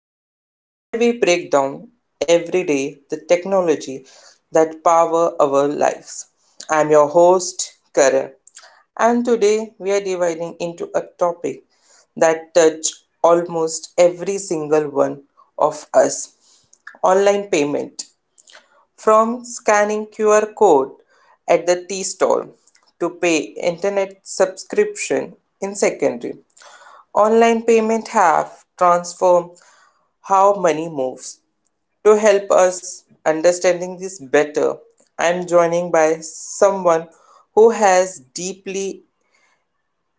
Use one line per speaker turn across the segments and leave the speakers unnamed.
Dialogue, where we break down every day the technology that power our lives. I'm your host Karan, and today we are dividing into a topic that touch almost every single one of us: online payment. From scanning QR code at the tea stall to pay internet subscription in secondary, online payment have transformed how money moves. To help us understanding this better, I am joining by someone who has deeply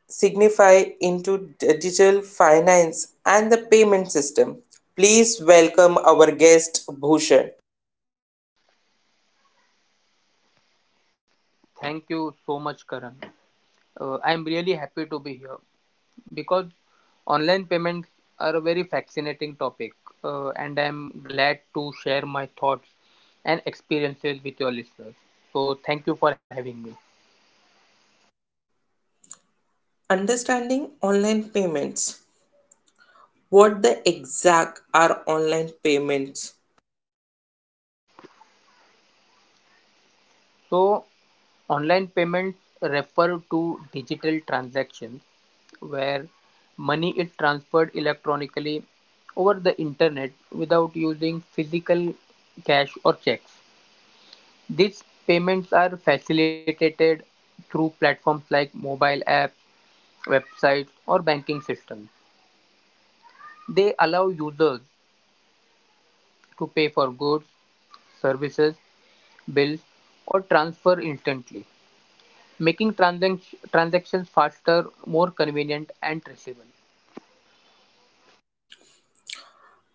signified into digital finance and the payment system. Please welcome our guest Bhushan.
Thank you so much, Karan. I'm really happy to be here because online payments are a very fascinating topic, and I'm glad to share my thoughts and experiences with your listeners. So, thank you for having me.
Understanding online payments. What the exact are online payments?
So, online payments refer to digital transactions where money is transferred electronically over the internet without using physical cash or checks. These payments are facilitated through platforms like mobile apps, websites, or banking systems. They allow users to pay for goods, services, bills, or transfer instantly, making transactions faster, more convenient, and traceable.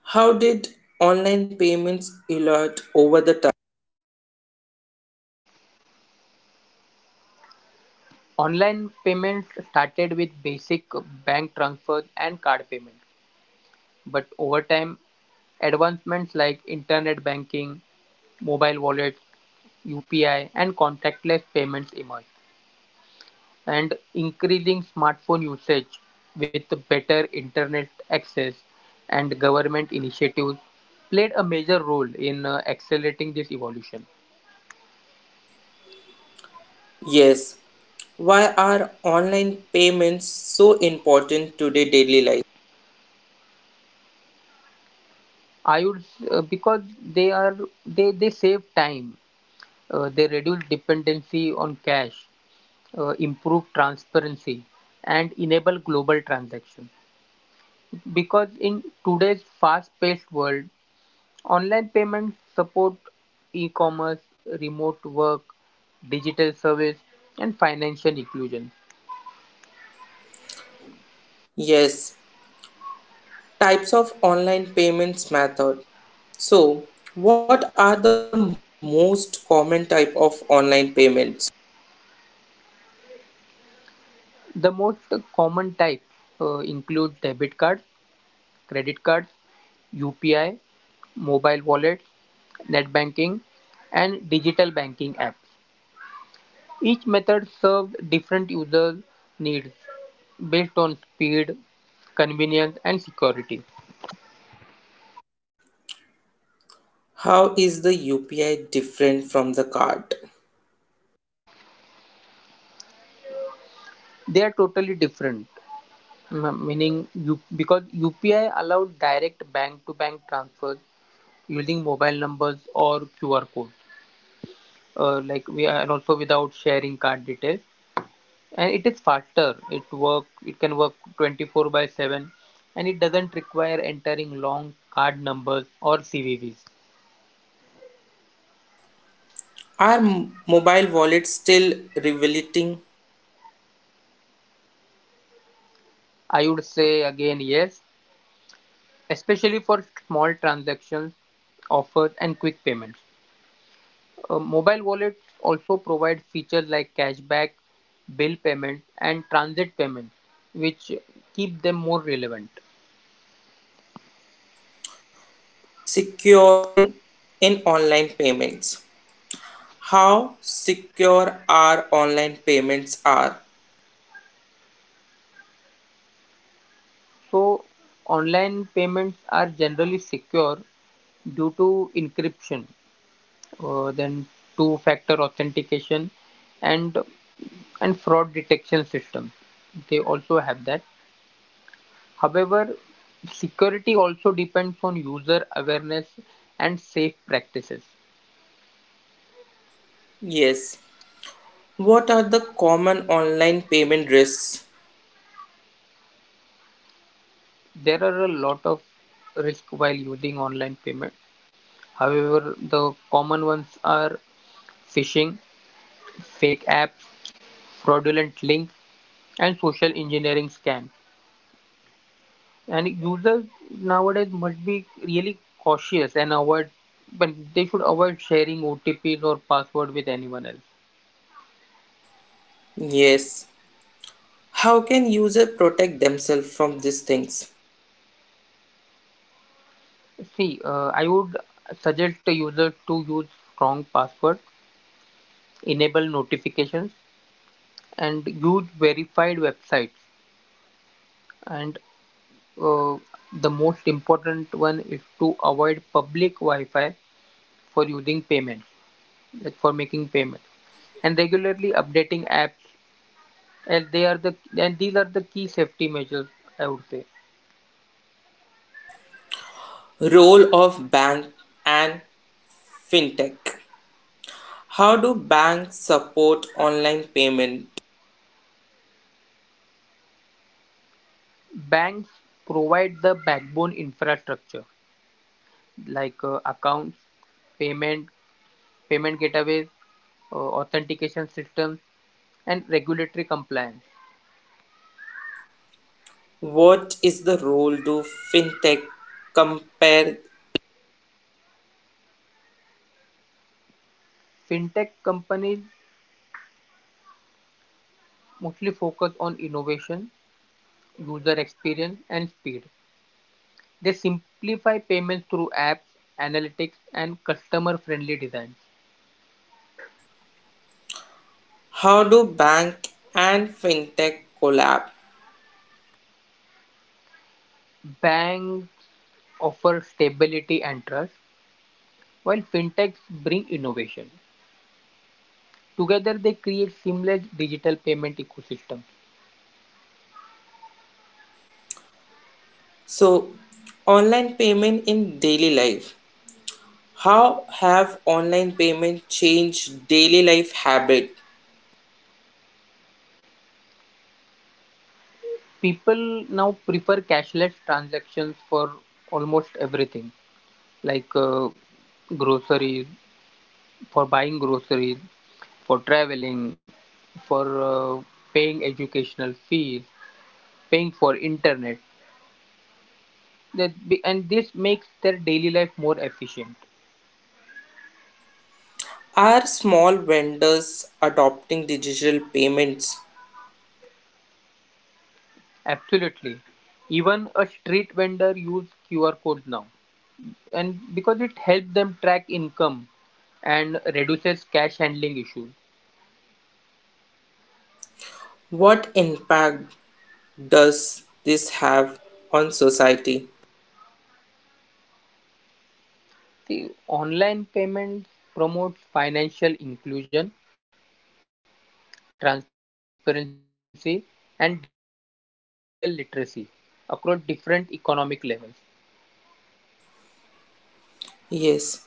How did online payments evolve over the time?
Online payments started with basic bank transfers and card payments. But over time, advancements like internet banking, mobile wallets, UPI, and contactless payments emerged, and increasing smartphone usage with better internet access and government initiatives played a major role in accelerating this evolution.
Yes. Why are online payments so important today daily life?
I would Because they save time. They reduce dependency on cash, improve transparency, and enable global transaction. Because in today's fast-paced world, online payments support e-commerce, remote work, digital service, and financial inclusion.
Yes. Types of online payments method. So, what are the most common type of online payments?
The most common types include debit cards, credit cards, UPI, mobile wallets, net banking, and digital banking apps. Each method served different user needs, based on speed, convenience, and security.
How is the UPI different from the card?
They are totally different, meaning you, because UPI allows direct bank-to-bank transfers using mobile numbers or QR codes, like we are, and also without sharing card details. And it is faster. It work. It can work 24 by 7, and it doesn't require entering long card numbers or CVVs.
Are mobile wallets still revelating?
I would say again yes, especially for small transactions, offers, and quick payments. Mobile wallets also provide features like cashback, bill payment, and transit payments, which keep them more relevant.
Securing in online payments. How secure our online payments are?
So, online payments are generally secure due to encryption, then two-factor authentication, and and fraud detection systems. They also have that. However, security also depends on user awareness and safe practices.
Yes. What are the common online payment risks?
There are a lot of risk while using online payment. However, the common ones are phishing, fake apps, fraudulent links, and social engineering scams. And users nowadays must be really cautious and avoid, but they should avoid sharing OTPs or password with anyone else.
Yes. How can users protect themselves from these things?
See, I would suggest the user to use strong password, enable notifications, and use verified websites. And uh, the most important one is to avoid public Wi-Fi for using payments, like for making payments, and regularly updating apps. And these are the key safety measures, I would say.
Role of bank and fintech. How do banks support online payment?
Banks provide the backbone infrastructure like accounts, payment payment gateways, authentication systems, and regulatory compliance.
What is the role do fintech compare?
Fintech companies mostly focus on innovation, user experience, and speed. They simplify payments through apps, analytics, and customer friendly design.
How do bank and fintech collab?
Banks offer stability and trust, while fintechs bring innovation. Together, they create seamless digital payment ecosystems.
So, online payment in daily life. How have online payment changed daily life habit?
People now prefer cashless transactions for almost everything like groceries, for buying groceries, for traveling, for paying educational fees, paying for internet. And this makes their daily life more efficient.
Are small vendors adopting digital payments?
Absolutely. Even a street vendor use QR codes now. And because it helps them track income and reduces cash handling issues.
What impact does this have on society?
See, online payments promotes financial inclusion, transparency, and digital literacy across different economic levels.
Yes.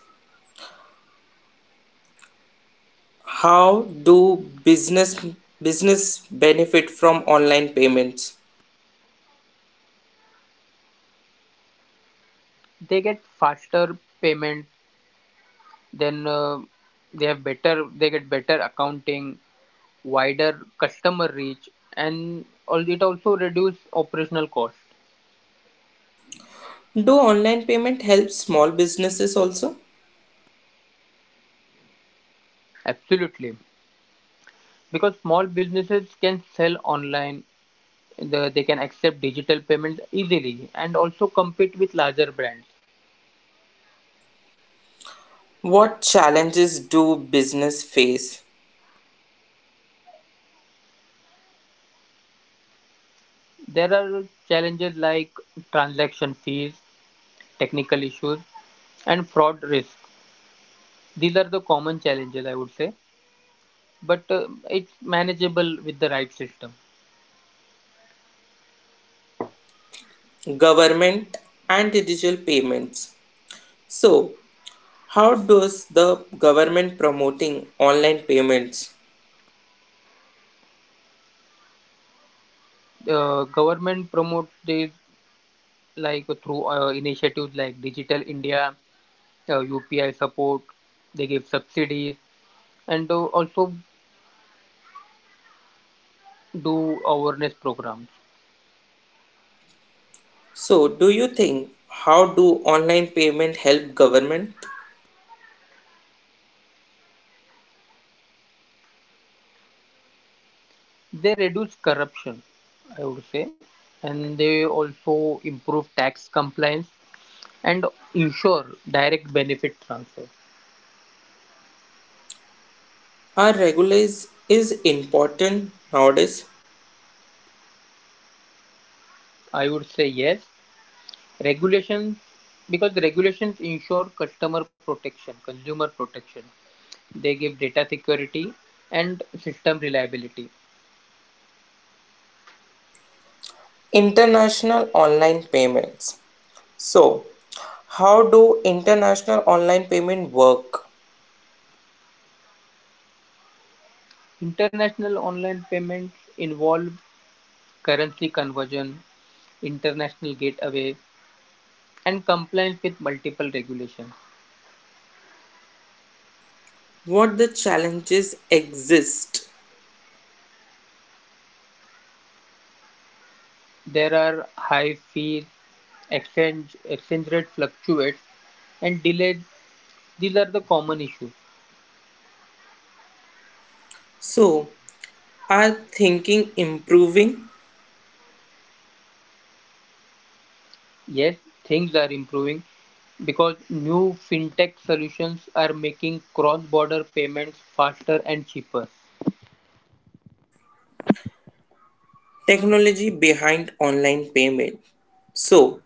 How do business business benefit from online payments?
They get faster payment, then they have better, they get better accounting, wider customer reach, and all it also reduce operational cost.
Do online payment help small businesses also?
Absolutely, because small businesses can sell online, they can accept digital payments easily, and also compete with larger brands.
What challenges do business face?
There are challenges like transaction fees, technical issues, and fraud risk. These are the common challenges, I would say, but it's manageable with the right system.
Government and digital payments. So, how does the government promoting online payments?
Government promotes these like through initiatives like Digital India, UPI support, they give subsidies, and also do awareness programs.
So, do you think, how do online payment help government?
They reduce corruption, I would say, and they also improve tax compliance and ensure direct benefit transfer.
Our regulation is important nowadays.
I would say yes, regulation, because the regulations ensure customer protection, consumer protection. They give data security and system reliability.
International online payments. So, how do international online payment work?
International online payments involve currency conversion, international gateway, and compliance with multiple regulations.
What the challenges exist?
There are high fees, exchange rate fluctuates, and delays. These are the common issues.
So, are thinking improving?
Yes, things are improving because new fintech solutions are making cross-border payments faster and cheaper.
Technology behind online payment. So,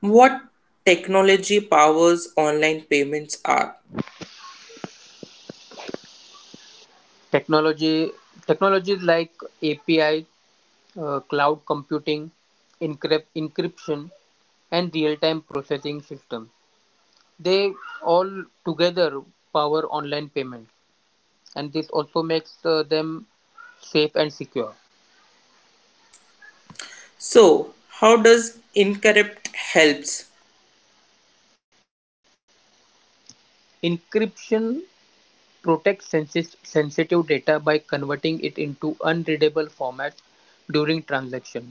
what technology powers online payments are?
Technology Technologies like API, cloud computing, encryption, and real-time processing systems. They all together power online payments, and this also makes them safe and secure.
So, how does Incorrupt helps?
Encryption protect sensitive data by converting it into unreadable formats during transaction.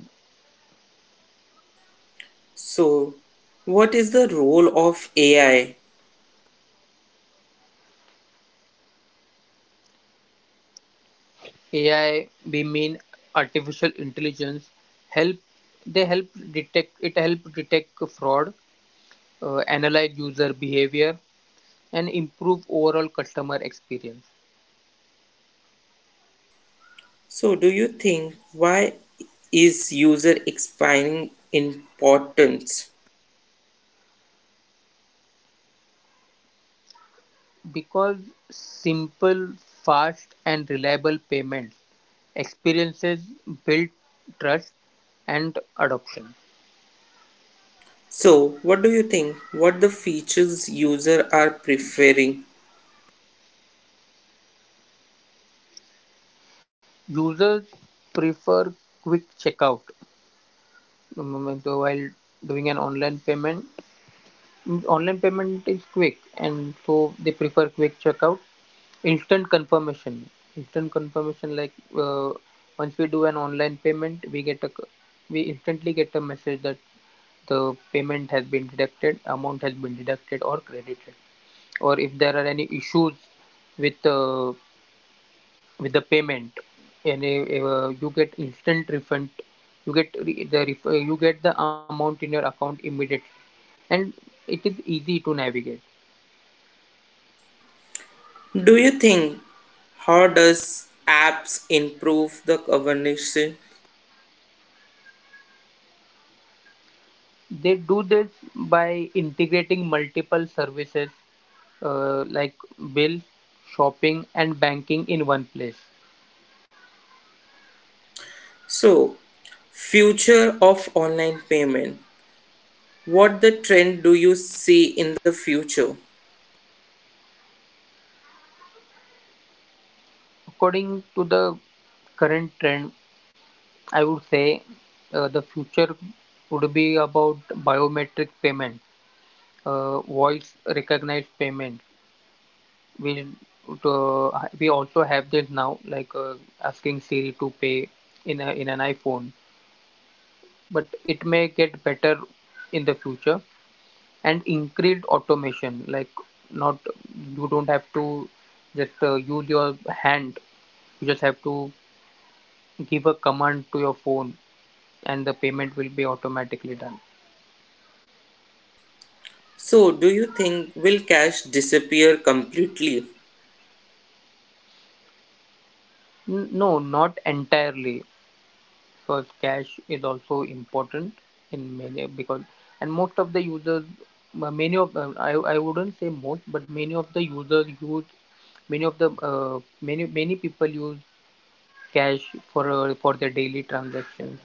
So, what is the role of AI?
AI, we mean artificial intelligence, help they help detect it help detect fraud, analyze user behavior, and improve overall customer experience.
So, do you think, why is user expanding importance?
Because simple, fast, and reliable payments experiences build trust and adoption.
So, what do you think? What the features user are preferring?
Users prefer quick checkout, so while doing an online payment. Online payment is quick, and so they prefer quick checkout. Instant confirmation. Instant confirmation, like once we do an online payment, we instantly get a message that the payment has been deducted, amount has been deducted or credited, or if there are any issues with uh, with the payment, and you get instant refund, you get the amount in your account immediately, and it is easy to navigate.
Do you think, how does apps improve the conversation?
They do this by integrating multiple services, like bills, shopping, and banking in one place.
So, future of online payment. What the trend do you see in the future?
According to the current trend, I would say the future would be about biometric payment, voice recognized payment. We'll we also have this now, like asking Siri to pay in an iPhone, but it may get better in the future, and increased automation. Like, not, you don't have to just use your hand. You just have to give a command to your phone, and the payment will be automatically done.
So, do you think will cash disappear completely?
No, not entirely, because cash is also important in many, because and most of the users many of I wouldn't say most, but many of the users use, many of the many many people use cash for their daily transactions,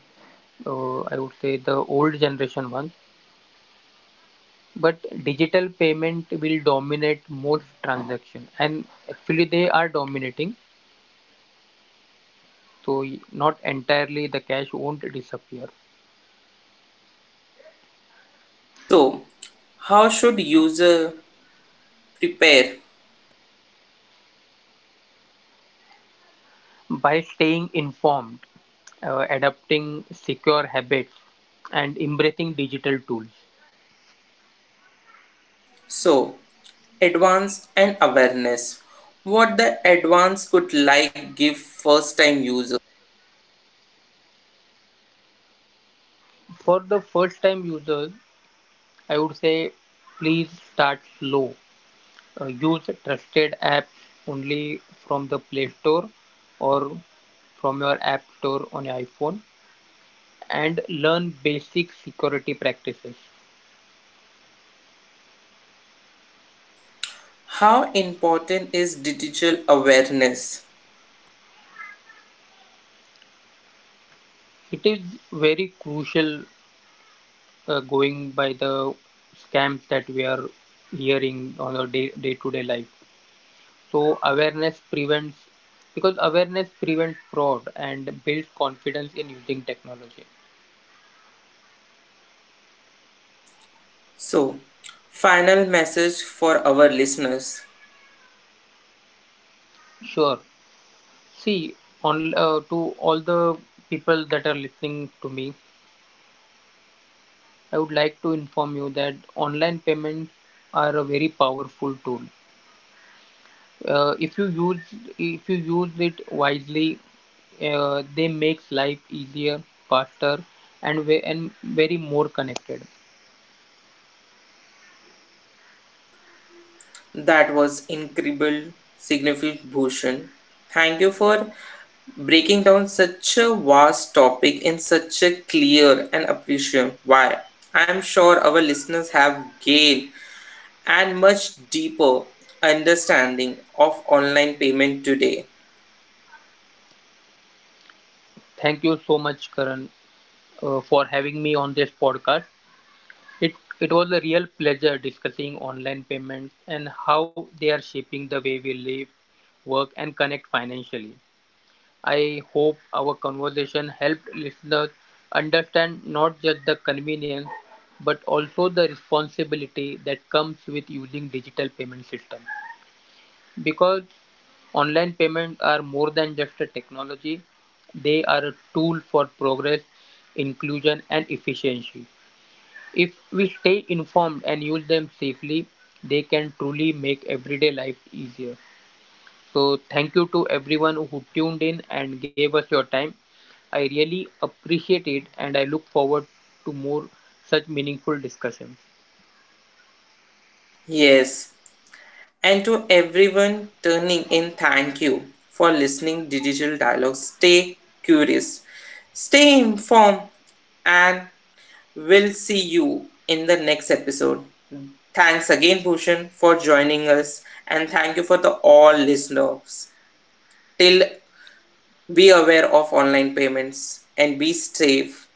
I would say the old generation ones, but digital payment will dominate most transaction, and actually they are dominating, so not entirely the cash won't disappear.
So, how should user prepare?
By staying informed, adopting secure habits, and embracing digital tools.
So, advance and awareness. What the advance could like give first time user?
For the first time users, I would say, please start slow. Use trusted apps only from the Play Store or from your App Store on your iPhone, and learn basic security practices.
How important is digital awareness?
It is very crucial, going by the scams that we are hearing on our day to day life. So awareness prevents because awareness prevents fraud and builds confidence in using technology.
So, final message for our listeners.
Sure. See, on to all the people that are listening to me, I would like to inform you that online payments are a very powerful tool. Uh, if you use if you use it wisely, they makes life easier, faster, and very more connected.
That was incredible, significant Bhushan. Thank you for breaking down such a vast topic in such a clear and appreciative way. I'm sure our listeners have gained and much deeper understanding of online payment today.
Thank you so much, Karan, for having me on this podcast. It it was a real pleasure discussing online payments and how they are shaping the way we live, work, and connect financially. I hope our conversation helped listeners understand not just the convenience but also the responsibility that comes with using digital payment system, because online payments are more than just a technology, they are a tool for progress, inclusion, and efficiency. If we stay informed and use them safely, they can truly make everyday life easier. So, thank you to everyone who tuned in and gave us your time. I really appreciate it, and I look forward to more such meaningful discussions.
Yes, and to everyone turning in, thank you for listening Digital Dialogue. Stay curious, stay informed, and we'll see you in the next episode. Thanks again, Bhushan, for joining us, and thank you for the all listeners. Till be aware of online payments and be safe.